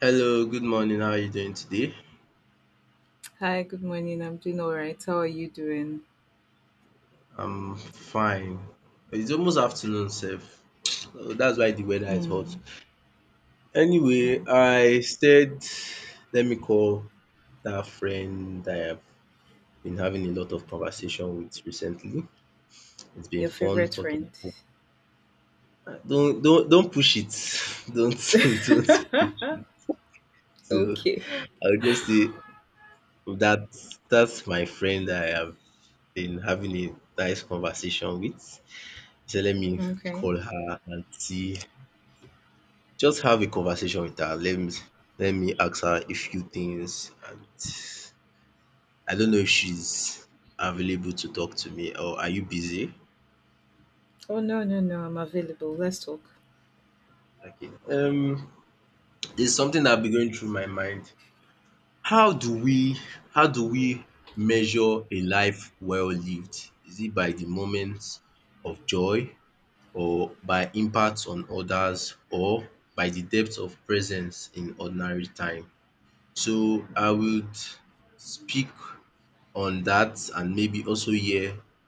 Hello, good morning. How are you doing today? Hi, good morning. I'm doing all right. How are you doing? I'm fine. It's almost afternoon, Seth. So that's why the weather is hot. Mm, yeah. Anyway, I said, let me call that friend that I've been having a lot of conversation with recently. It's been Your fun favorite friend. talking. Don't push it. Don't don't. So okay. I'll just say that that's my friend that I have been having a nice conversation with. So let me Okay. call her aunty, just have a conversation with her, let me ask her a few things and I don't know if she's available to talk to me or are you busy? Oh, no, no, no. I'm available. Let's talk. Okay. It's something that been going through my mind. How do we how do we measure a life well lived? Is it by the moments of joy or by impact on others or by the depth of presence in ordinary time? So I would speak on that and maybe also hear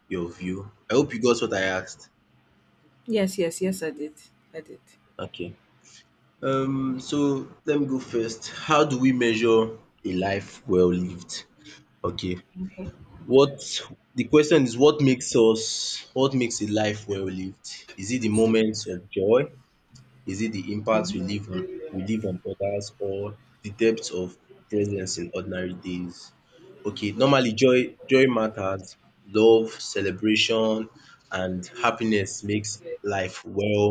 your view. I hope you got what I asked. Yes, yes, yes, I did. I did. Okay. So let me go first. How do we measure a life well lived? Okay. Okay. What, the question is, what makes a life well lived? Is it the moments of joy? Is it the impact Mhm. We leave on others or the depth of presence in ordinary days? Okay, normally joy matters. Love, celebration and happiness makes life well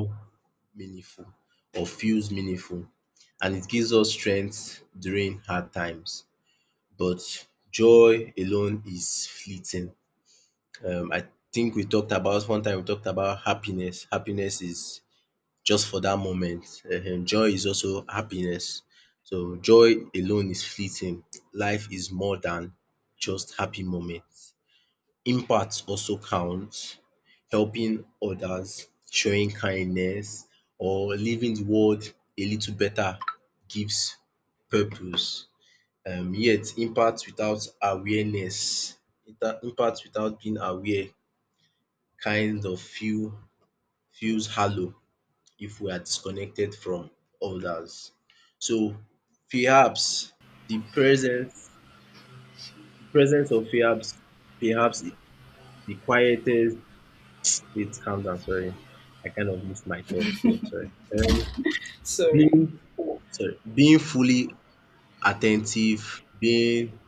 meaningful or feels meaningful and it gives us strength during hard times. But joy alone is fleeting. I think we talked about one time we talked about happiness. Happiness is just for that moment. Joy is also happiness. So joy alone is fleeting. Life is more than just happy moments. Impact also counts. Helping others, showing kindness or leaving the world a little better gives purpose. Yet impact without awareness, impact without being aware kind of feels hollow if we are disconnected from others. So perhaps the presence the presence of perhaps the quietest it calm down, sorry. I kind of missed my thoughts there, sorry. Um Sorry. being sorry, being fully attentive, being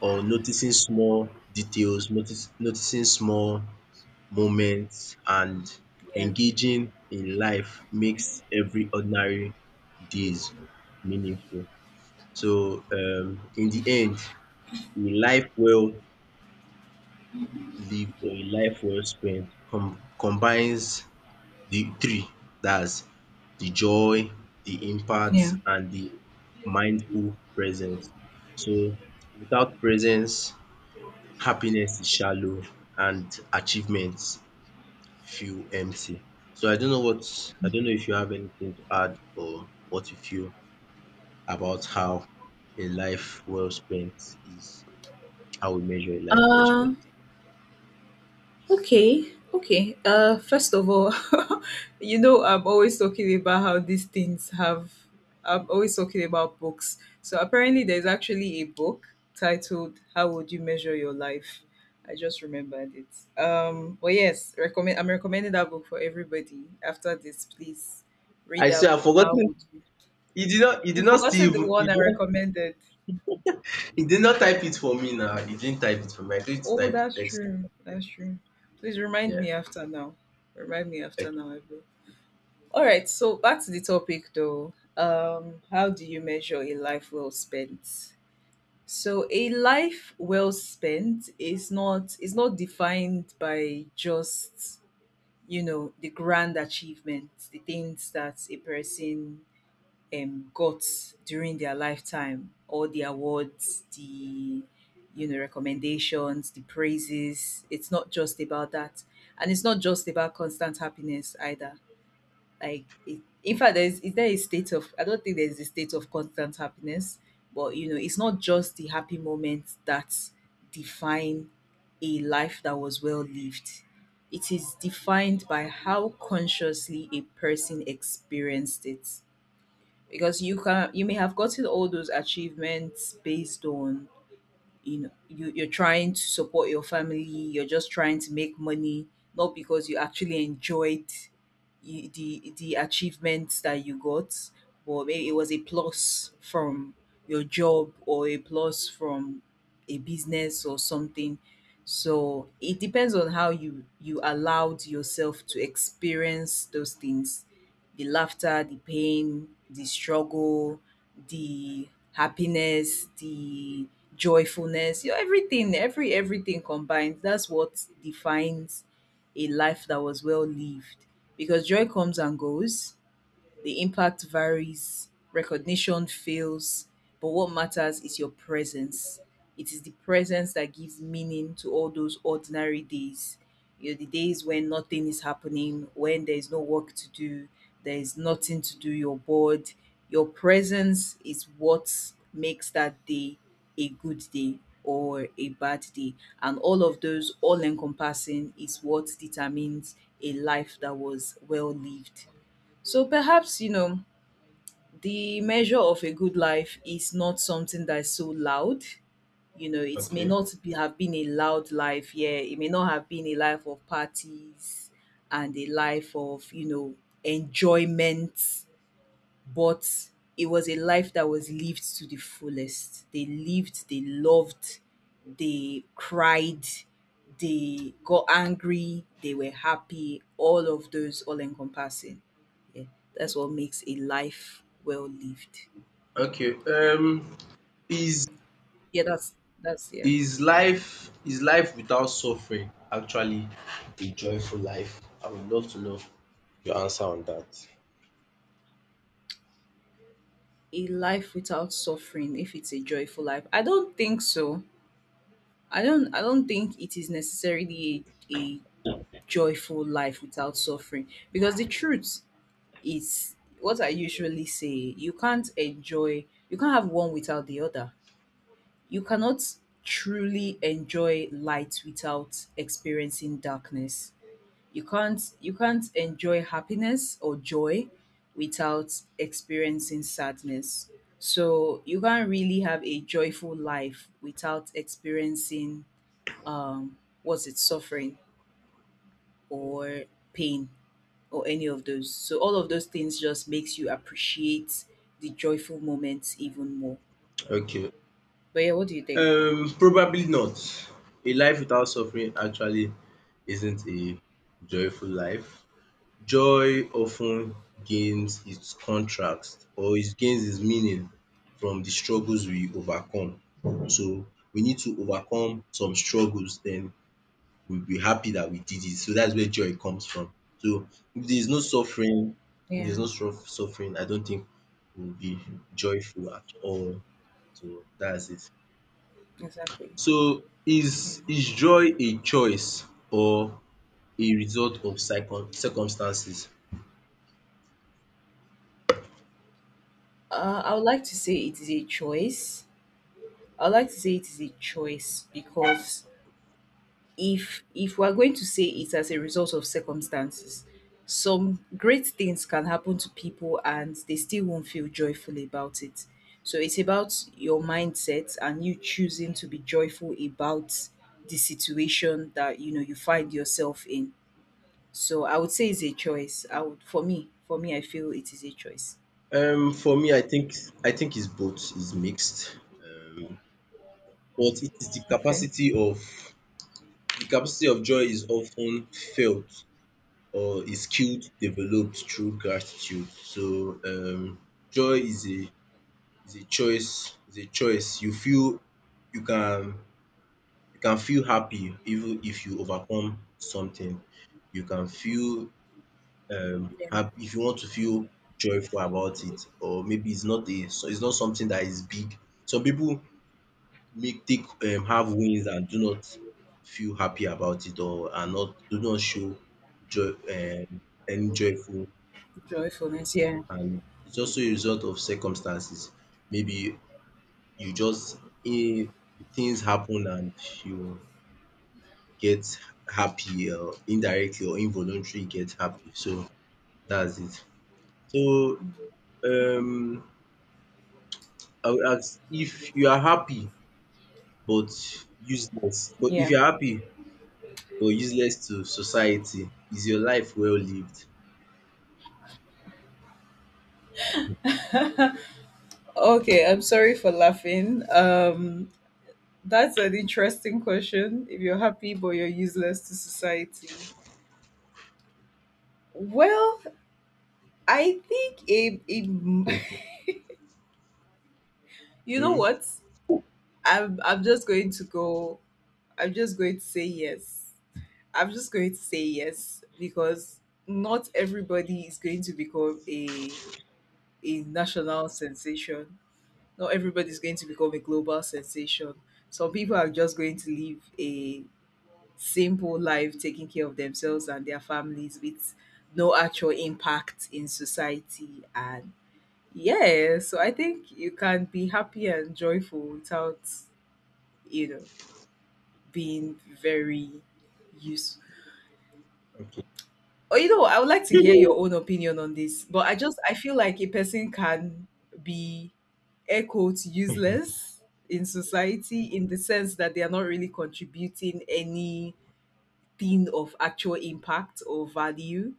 or noticing small details, noticing small moments and Yeah. engaging in life makes every ordinary days meaningful. So, in the end, a life well lived or a life well spent combines the three. That's the joy, the impact, Yeah. and the mindful presence. So, without presence, happiness is shallow and achievements feel empty. So, I don't know what, I don't know if you have anything to add or what you feel about how a life well spent is. How we measure a life Uh, respect. Okay, okay. First of all, you know, I'm always talking about how these things have. I'm always talking about books. So apparently, there's actually a book titled "How Would You Measure Your Life." I just remembered it. But yes, recommend. I'm recommending that book for everybody. After this, please read I say that I've book. How forgotten. would you? You did not. He You did not still forgotten the even. one You I did not, recommended. you did not type it for me now. He didn't type it for me. I told you to Oh, type it. that's Text. true. It, That's true. Please remind yeah. me after now. Remind me Like, after now, I will. All right, so back to the topic though. How do you measure a life well spent? So a life well spent is not defined by just you know the grand achievements, the things that a person got during their lifetime, or the awards, the you know recommendations, the praises. It's not just about that, and it's not just about constant happiness either like it, in fact there's is there a state of I don't think there's a state of constant happiness, but you know it's not just the happy moments that define a life that was well lived. It is defined by how consciously a person experienced it, because you may have gotten all those achievements based on you know you're trying to support your family, you're just trying to make money, not because you actually enjoyed the achievements that you got, but maybe it was a plus from your job or a plus from a business or something. So it depends on how you allowed yourself to experience those things: the laughter, the pain, the struggle, the happiness, the joyfulness, you know, everything, everything combined. That's what defines a life that was well lived. Because joy comes and goes, the impact varies, recognition fails, but what matters is your presence. It is the presence that gives meaning to all those ordinary days. You know, the days when nothing is happening, when there is no work to do, there is nothing to do, you're bored. Your presence is what makes that day a good day or a bad day. And all of those all encompassing is what determines a life that was well lived. So perhaps, you know, the measure of a good life is not something that's so loud. You know, it may okay. not be, have been a loud life, yeah. It may not have been a life of parties and a life of, you know, enjoyment, but it was a life that was lived to the fullest. They lived, they loved, they cried, they got angry, they were happy, all of those all encompassing. Yeah. That's what makes a life well lived. Okay. Is Yeah, that's yeah. Is life without suffering actually a joyful life? I would love to know your answer on that. A life without suffering, if it's a joyful life. I don't think so. I don't think it is necessarily a joyful life without suffering. Because the truth it's what I usually say, you can't enjoy, you can't have one without the other. You cannot truly enjoy light without experiencing darkness. You can't enjoy happiness or joy without experiencing sadness. So you can't really have a joyful life without experiencing what's it suffering or pain or any of those. So all of those things just makes you appreciate the joyful moments even more. Okay. But yeah, what do you think? Probably not. A life without suffering actually isn't a joyful life. Joy often gains its contrast or it gains its meaning from the struggles we overcome. So we need to overcome some struggles then we'll be happy that we did it. So that's where joy comes from. So if there's no suffering, if there's Yeah, no suffering, I don't think we'll be joyful at all. So that's it. exactly. So Yeah. is joy a choice or a result of circumstances? I would like to say it is a choice. I would like to say it is a choice because if we're going to say it as a result of circumstances, some great things can happen to people and they still won't feel joyful about it. So it's about your mindset and you choosing to be joyful about the situation that you know you find yourself in. So I would say it's a choice. I would for me I feel it is a choice. For me, I think it's both. It's mixed, but it is the Okay. capacity of joy is often felt or is skilled developed through gratitude. So joy is a choice. Is a choice. You can you can feel happy even if you overcome something. You can feel Yeah. hap if you want to feel joyful about it or maybe it's not a so it's not something that is big. Some people make take have wins and do not feel happy about it or are not do not show joy any joyful Joyfulness, yeah. and it's also a result of circumstances. Maybe you just um things happen and you get happy or indirectly or involuntarily get happy. So that's it. So um I would ask if you are happy but useless, but if Yeah. you're happy but useless to society, is your life well lived? Okay, I'm sorry for laughing. That's an interesting question. If you're happy but you're useless to society. Well, I think it, it you know Hmm, what? I'm just going to go, I'm just going to say yes. I'm just going to say yes because not everybody is going to become a national sensation. Not everybody is going to become a global sensation. Some people are just going to live a simple life taking care of themselves and their families with no actual impact in society, and yeah, so I think you can be happy and joyful without you know being very useful. okay. Oh, you know, I would like to hear your own opinion on this, but I just, I feel like a person can be air quotes useless in society in the sense that they are not really contributing any thing of actual impact or value,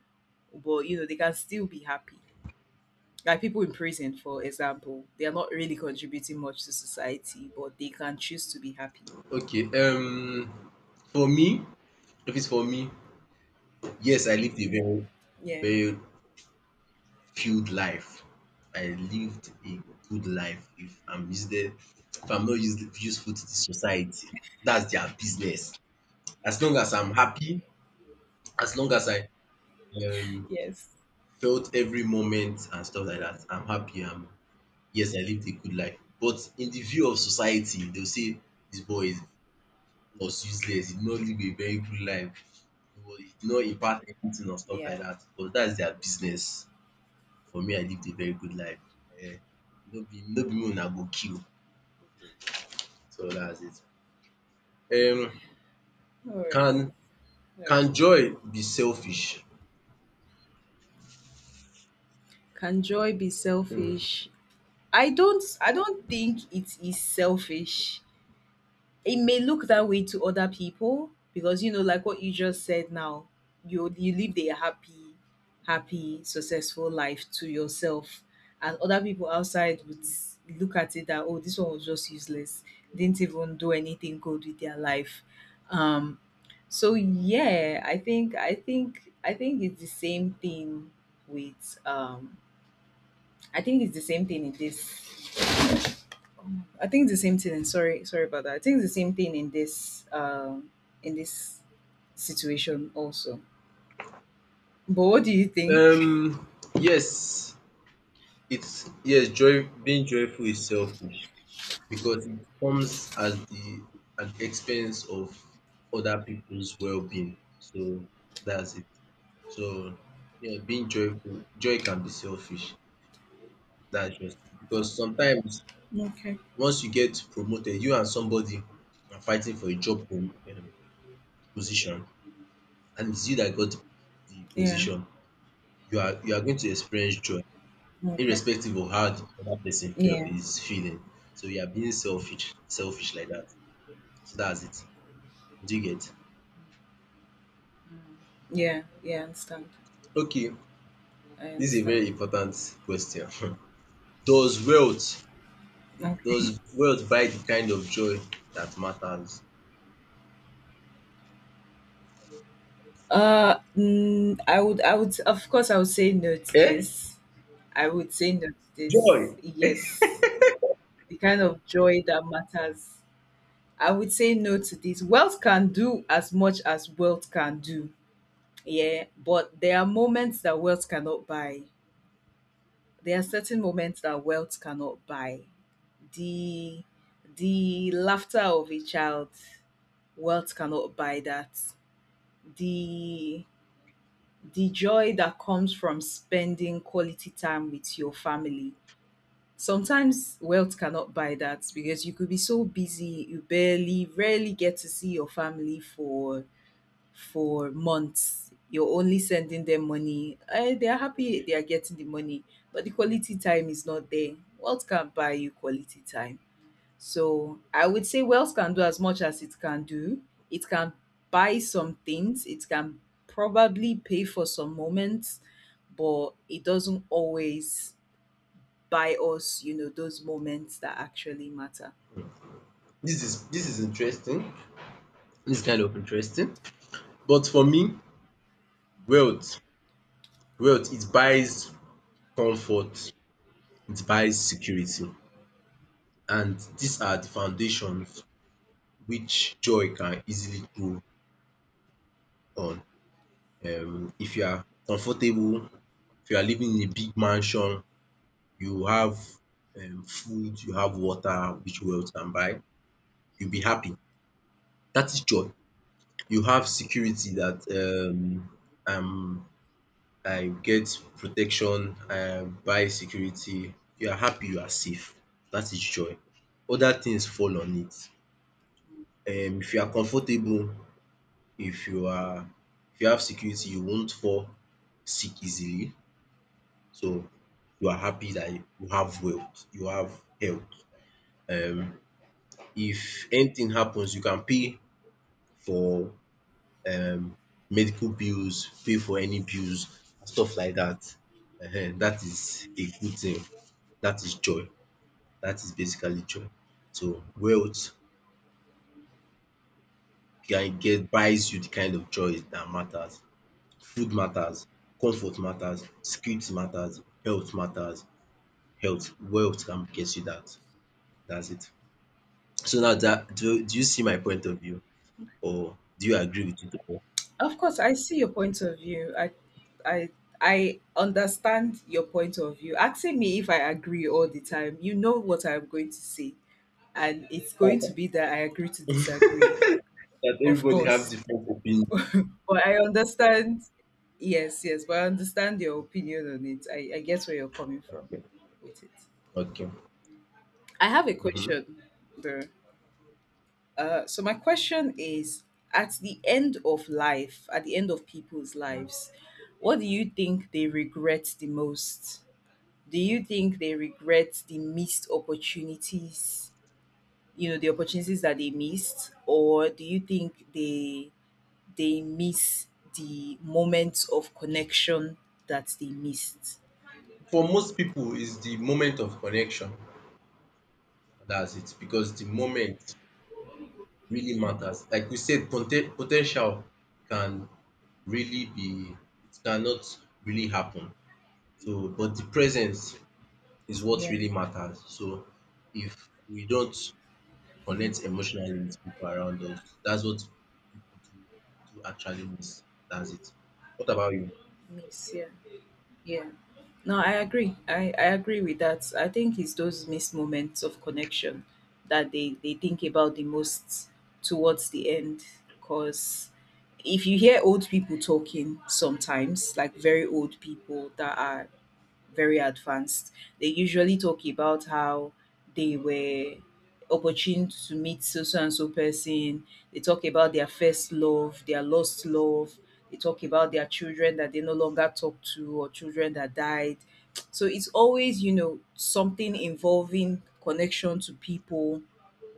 but you know, they can still be happy. Like people in prison, for example, they are not really contributing much to society, but they can choose to be happy. Okay, for me, if it's for me, yes, I lived a very Yeah. very filled life. I lived a good life if I'm useless if I'm not useful to the society. That's their business. As long as I'm happy, as long as I um Yes. felt every moment and stuff like that. I'm happy. I'm yes, I lived a good life. But in the view of society, they'll say this boy is was useless. He did not live a very good life. He did not impact anything or stuff like Yeah. that. But that's their business. For me, I lived a very good life. Eh, no be no be me una go kill. So that's it. Um, All right. can All right. can joy be selfish? Can joy be selfish? I don't think it is selfish. It may look that way to other people because you know, like what you just said now, you live a happy, happy, successful life to yourself. And other people outside would look at it that, oh, this one was just useless. Didn't even do anything good with their life. Um so yeah, I think it's the same thing with I think it's the same thing in this I think it's the same thing. Sorry, sorry about that. I think it's the same thing in this situation also. But what do you think? Um, yes, it's yes. Joy being joyful is selfish. Because it comes at the expense of other people's well-being. So that's it. So yeah, being joyful, joy can be selfish. That's just it. Because sometimes Okay. once you get promoted, you and somebody are fighting for a job position, and it's you that got the Yeah. position. You are going to experience joy, Okay. irrespective of how the other person feel Yeah. is feeling. So you are being selfish, selfish like that. So that's it. Do you get? Yeah. Yeah. I understand. Okay, I this is a understand. very important question. Does wealth Okay. does wealth buy the kind of joy that matters? I would. I would. Of course, I would say no to Eh? this. I would say no to this. Joy! Yes. The kind of joy that matters. I would say no to this. Wealth can do as much as wealth can do. Yeah, but there are moments that wealth cannot buy. There are certain moments that wealth cannot buy. The the laughter of a child, wealth cannot buy that. The the joy that comes from spending quality time with your family. Sometimes wealth cannot buy that because you could be so busy, you barely, rarely get to see your family for months. You're only sending them money, eh, they are happy they are getting the money, but the quality time is not there. Wealth can't buy you quality time. So I would say wealth can do as much as it can do. It can buy some things, it can probably pay for some moments, but it doesn't always buy us, you know, those moments that actually matter. This is interesting. This is kind of interesting but for me wealth wealth it buys comfort, it buys security and these are the foundations which joy can easily grow on. If you are comfortable, if you are living in a big mansion, you have food, you have water which wealth can buy, you'll be happy. That is joy. You have security that um I get protection, I buy security, you are happy, you are safe. That is joy. Other things fall on it. If you are comfortable, if you are if you have security, you won't fall sick easily. So you are happy that you have wealth, you have health. Um If anything happens, you can pay for um medical bills, pay for any bills, stuff like that. Ehen, dat a good thing. That is joy. That is basically joy. So wealth can get buys you the kind of joy that matters. Food matters, comfort matters, security matters. Health wealth can get you that. That's it. So now that do you see my point of view or do you agree with it at Of course, I see your point of view. I, I understand your point of view. Asking me if I agree all the time, you know what I'm going to say, and it's going to all? be that I agree to disagree, That of everybody have course. different opinion. But I understand. Yes, yes, but I understand your opinion on it. I get where you're coming from Okay. with it. Okay. I have a Mm-hmm. question, though. So my question is, at the end of life, at the end of people's lives, what do you think they regret the most? Do you think they regret the missed opportunities, you know, the opportunities that they missed, or do you think they miss the moments of connection that they missed? For most people, is the moment of connection. That's it. Because the moment really matters. Like we said, potential can really be, it cannot really happen. So, but the presence is what Yeah, really matters. So, if we don't connect emotionally with people around us, that's what people do actually miss. That's it. What about you? miss, yeah. Yeah. No, I agree. I agree with that. I think it's those missed moments of connection that they think about the most towards the end. Because if you hear old people talking sometimes, like very old people that are very advanced. They usually talk about how they were opportune to meet so so and so person. They talk about their first love, their lost love. They talk about their children that they no longer talk to or children that died. So it's always, you know, something involving connection to people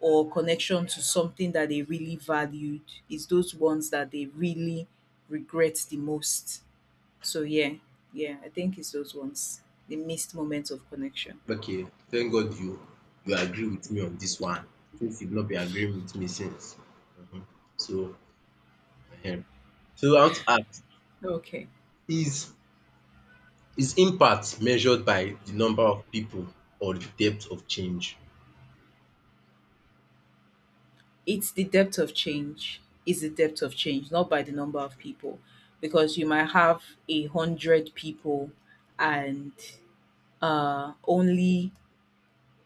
or connection to something that they really valued. It's those ones that they really regret the most. So yeah, yeah, I think it's those ones. The missed moments of connection. Okay, thank God you agree with me on this one since you've not been agreeing with me since. So, um so, I want to ask, Okay. is is impact measured by the number of people or the depth of change? It's the depth of change. It's the depth of change, not by the number of people. Because you might have 100 people and uh only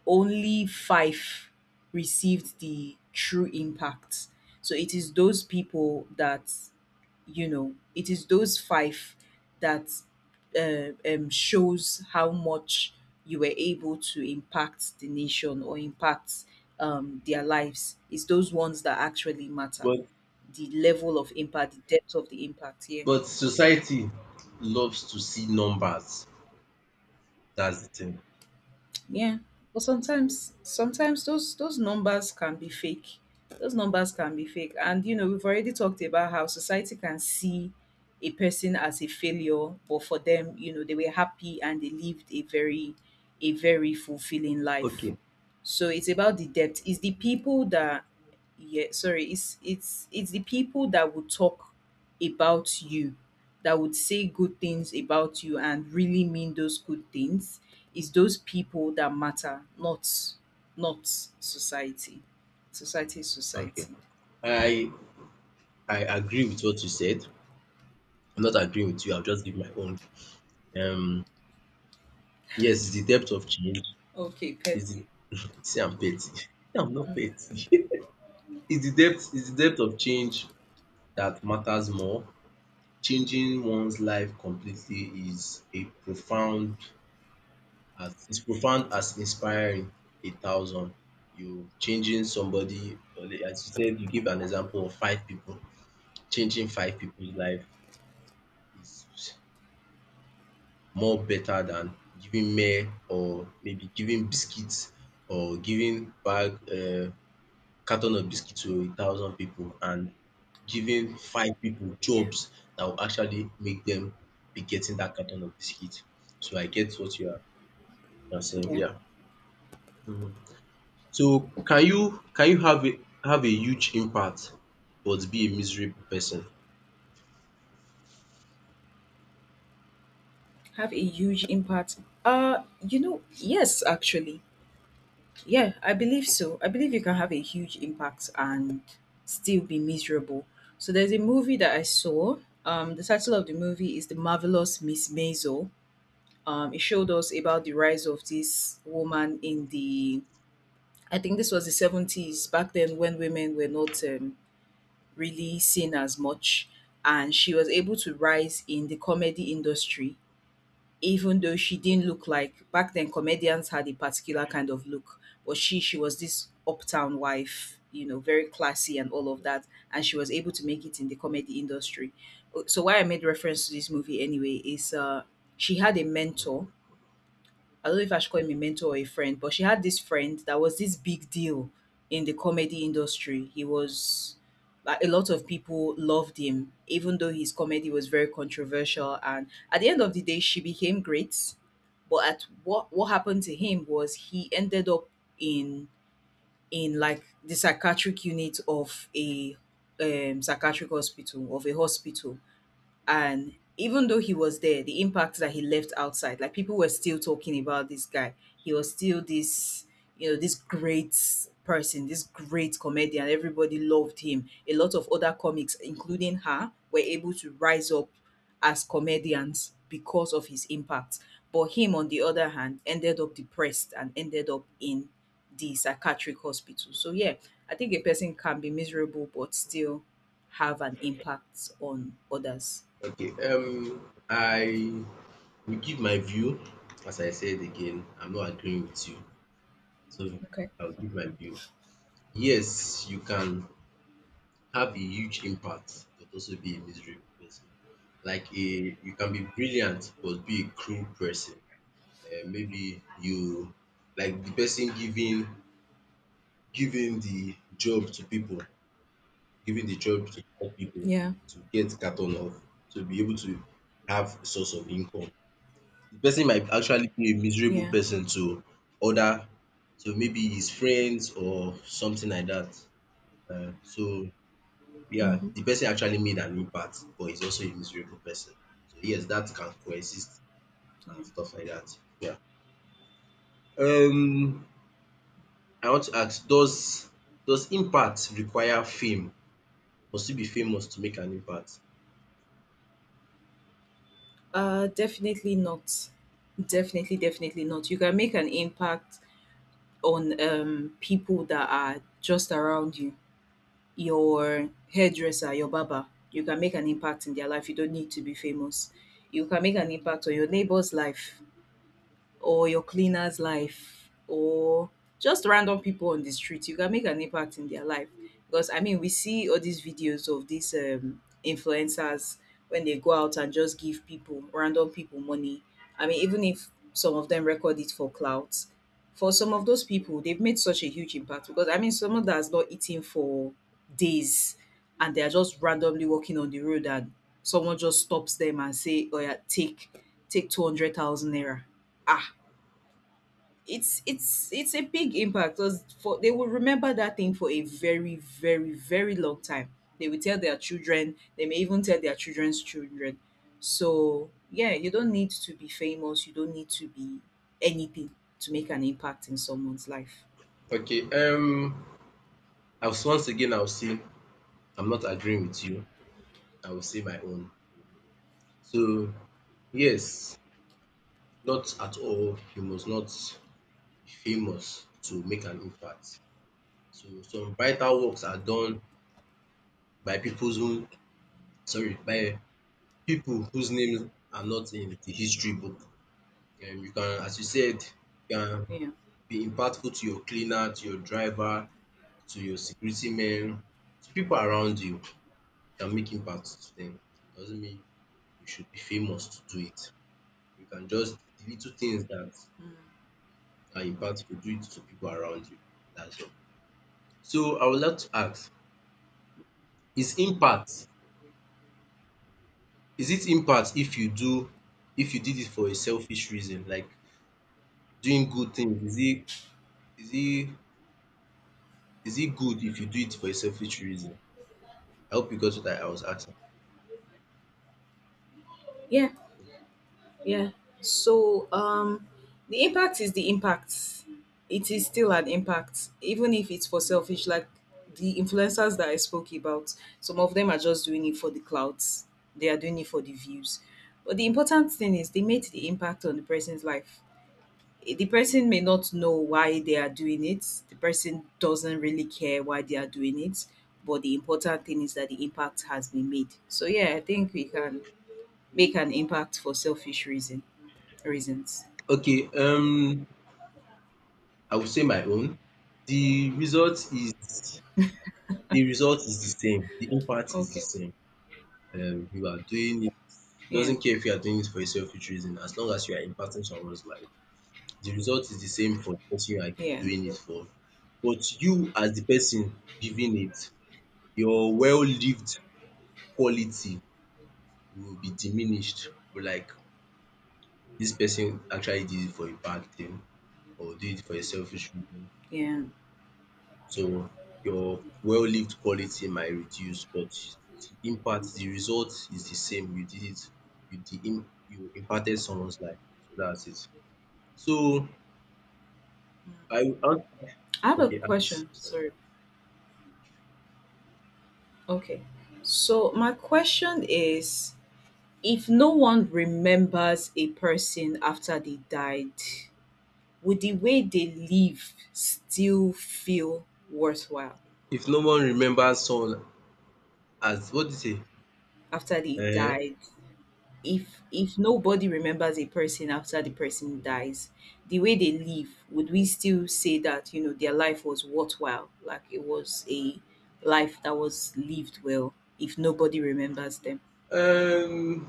only 5 received the true impact. So it is those people that you know it is those 5 that shows how much you were able to impact the nation or impact their lives. It's those ones that actually matter, But the level of impact, the depth of the impact, yeah. but society loves to see numbers. That's the thing. Yeah, but sometimes those numbers can be fake. Those numbers can be fake, and you know we've already talked about how society can see a person as a failure, but for them, you know, they were happy and they lived a very fulfilling life. Okay, So it's about the depth. It's the people that, yeah, sorry, it's the people that would talk about you, that would say good things about you and really mean those good things. It's those people that matter, not society. Society is okay. society. I I agree with what you said. I'm not agreeing with you. I'll just give my own. Um, yes, it's the depth of change Okay, is the. petty. See, I'm petty. I'm not petty. Is the depth of change that matters more. Changing one's life completely is a profound as is profound as inspiring 1,000. You changing somebody or like as you said, you give an example of five people. Changing five people's life is more better than giving mere or maybe giving biscuits or giving bag carton of biscuit to 1,000 people and giving five people Yeah, jobs that will actually make them be getting that carton of biscuit. So I get what you are saying. yeah. Yeah. Mhm. So can you have a huge impact but be a miserable person? Have a huge impact. You know, yes, actually. Yeah, I believe so. I believe you can have a huge impact and still be miserable. So there's a movie that I saw. The title of the movie is The Marvelous Miss Maisel. It showed us about the rise of this woman in the, I think this was the 70s, back then when women were not really seen as much. And she was able to rise in the comedy industry, even though she didn't look like back then comedians had a particular kind of look. But she was this uptown wife, you know, very classy and all of that. And she was able to make it in the comedy industry. So, why I made reference to this movie anyway is, she had a mentor. I don't know if I should call him a mentor or a friend, but she had this friend that was this big deal in the comedy industry. He was like, a lot of people loved him, even though his comedy was very controversial. And at the end of the day, she became great. But at what happened to him was he ended up in in like the psychiatric unit of a, psychiatric hospital of a hospital. And even though he was there, the impact that he left outside, like people were still talking about this guy, he was still this, you know, this great person, this great comedian, everybody loved him. A lot of other comics including her were able to rise up as comedians because of his impact, but him on the other hand ended up depressed and ended up in the psychiatric hospital. So yeah, I think a person can be miserable but still have an impact on others. Okay. I will give my view. As I said again, I'm not agreeing with you. So Okay. I'll give my view. Yes, you can have a huge impact but also be a miserable person. Like a you can be brilliant but be a cruel person. Eh, maybe you like the person giving the job to people, giving the job to poor people Yeah. to get carton off, to be able to have a source of income. The person might actually be a miserable Yeah. person to other to maybe his friends or something like that. Um so Yeah, Mm-hmm. the person actually made an impact, but he's also a miserable person. So yes, that can coexist Yeah. and stuff like that. Yeah. Um, I want to ask, does impact require fame? Must you be famous to make an impact? Definitely not. Definitely, definitely not. You can make an impact on people that are just around you. Your hairdresser, your barber. You can make an impact in their life. You don't need to be famous. You can make an impact on your neighbor's life, or your cleaner's life, or just random people on the street, you can make an impact in their life. Because I mean, we see all these videos of these influencers when they go out and just give people, random people, money. I mean, even if some of them record it for clout, for some of those people, they've made such a huge impact. Because I mean, someone that has not eaten for days and they are just randomly walking on the road, and someone just stops them and say, "Oh yeah, take 200,000 naira." Ah, it's a big impact, because for they will remember that thing for a very long time. They will tell their children, they may even tell their children's children. So yeah, you don't need to be famous, you don't need to be anything to make an impact in someone's life. Okay. I was once again I'll say I'm not agreeing with you. I will say my own. So yes, not at all. You must not be famous to make an impact. So some vital works are done by people who by people whose names are not in the history book. You can, as you said, you can Yeah. be impactful to your cleaner, to your driver, to your security men, to people around you. You can make impact to them. It doesn't mean you should be famous to do it. You can just the little things that Mm. are impactful, do it to people around you. That's all. So I would like to ask, is impact is it impact if you did it for a selfish reason, like doing good things? Is it is it good if you do it for a selfish reason? I hope you got what I was asking. Yeah. Yeah. So, the impact is the impact. It is still an impact, even if it's for selfish, like the influencers that I spoke about. Some of them are just doing it for the clouds, they are doing it for the views. But the important thing is they made the impact on the person's life. Eh, the person may not know why they are doing it, the person doesn't really care why they are doing it. But the important thing is that the impact has been made. So, yeah, I think we can make an impact for selfish reasons. Okay, I will say my own. The result is the result is the same. The impact is the Okay. same. You are doing it Yeah. doesn't care if you are doing it for a selfish reason, as long as you are impacting someone's life. The result is the same for the person you are Yeah, doing it for. But you as the person giving it, your well-lived quality will be diminished. Will Like this person actually did it for a bad thing or did it for a selfish reason. yeah. So your well-lived quality might reduce, but the impact, the result is the same. You did it, you impacted someone's life. So that's it. So I would ask I have a okay, ask, question. sorry. Sorry. Okay. So my question is, if no one remembers a person after they died, would the way they live still feel worthwhile If no one remembers someone as what do you say? after they Eh, died? If nobody remembers a person after the person dies, the way they live, would we still say that, you know, their life was worthwhile, like it was a life that was lived well, if nobody remembers them? um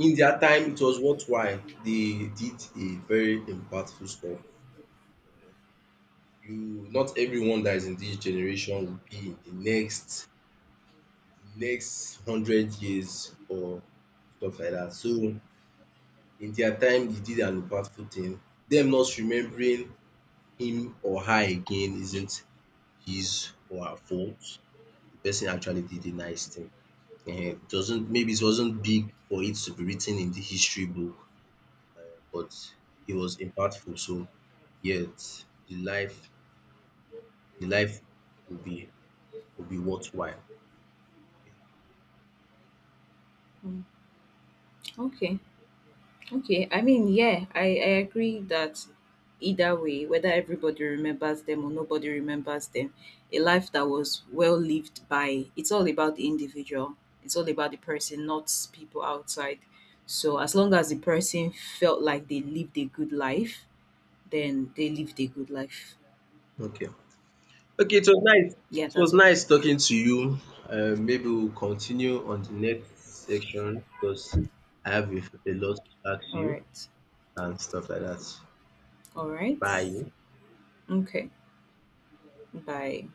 in their time it was worthwhile. They did a very impactful stuff. You not everyone that is in this generation will be in the next 100 years or stuff like that. So in their time he did an impactful thing. Them not remembering him or her again isn't his or her fault. The person actually did a nice thing. Doesn't maybe it wasn't big for it to be written in the history book, but it was impactful. So yet the life the life will be will be worthwhile. Mm, okay. Okay, I mean, yeah, I agree that either way, whether everybody remembers them or nobody remembers them, a life that was well lived by, it's all about the individual, it's all about the person, not people outside. So, as long as the person felt like they lived a good life, then they lived a good life. Okay. Okay, it was nice Yeah, it was that's all. nice Yeah. talking to you. Maybe we'll continue on the next section because I have a lot to ask All you right. and stuff like that. All right. Bye. Okay. Bye.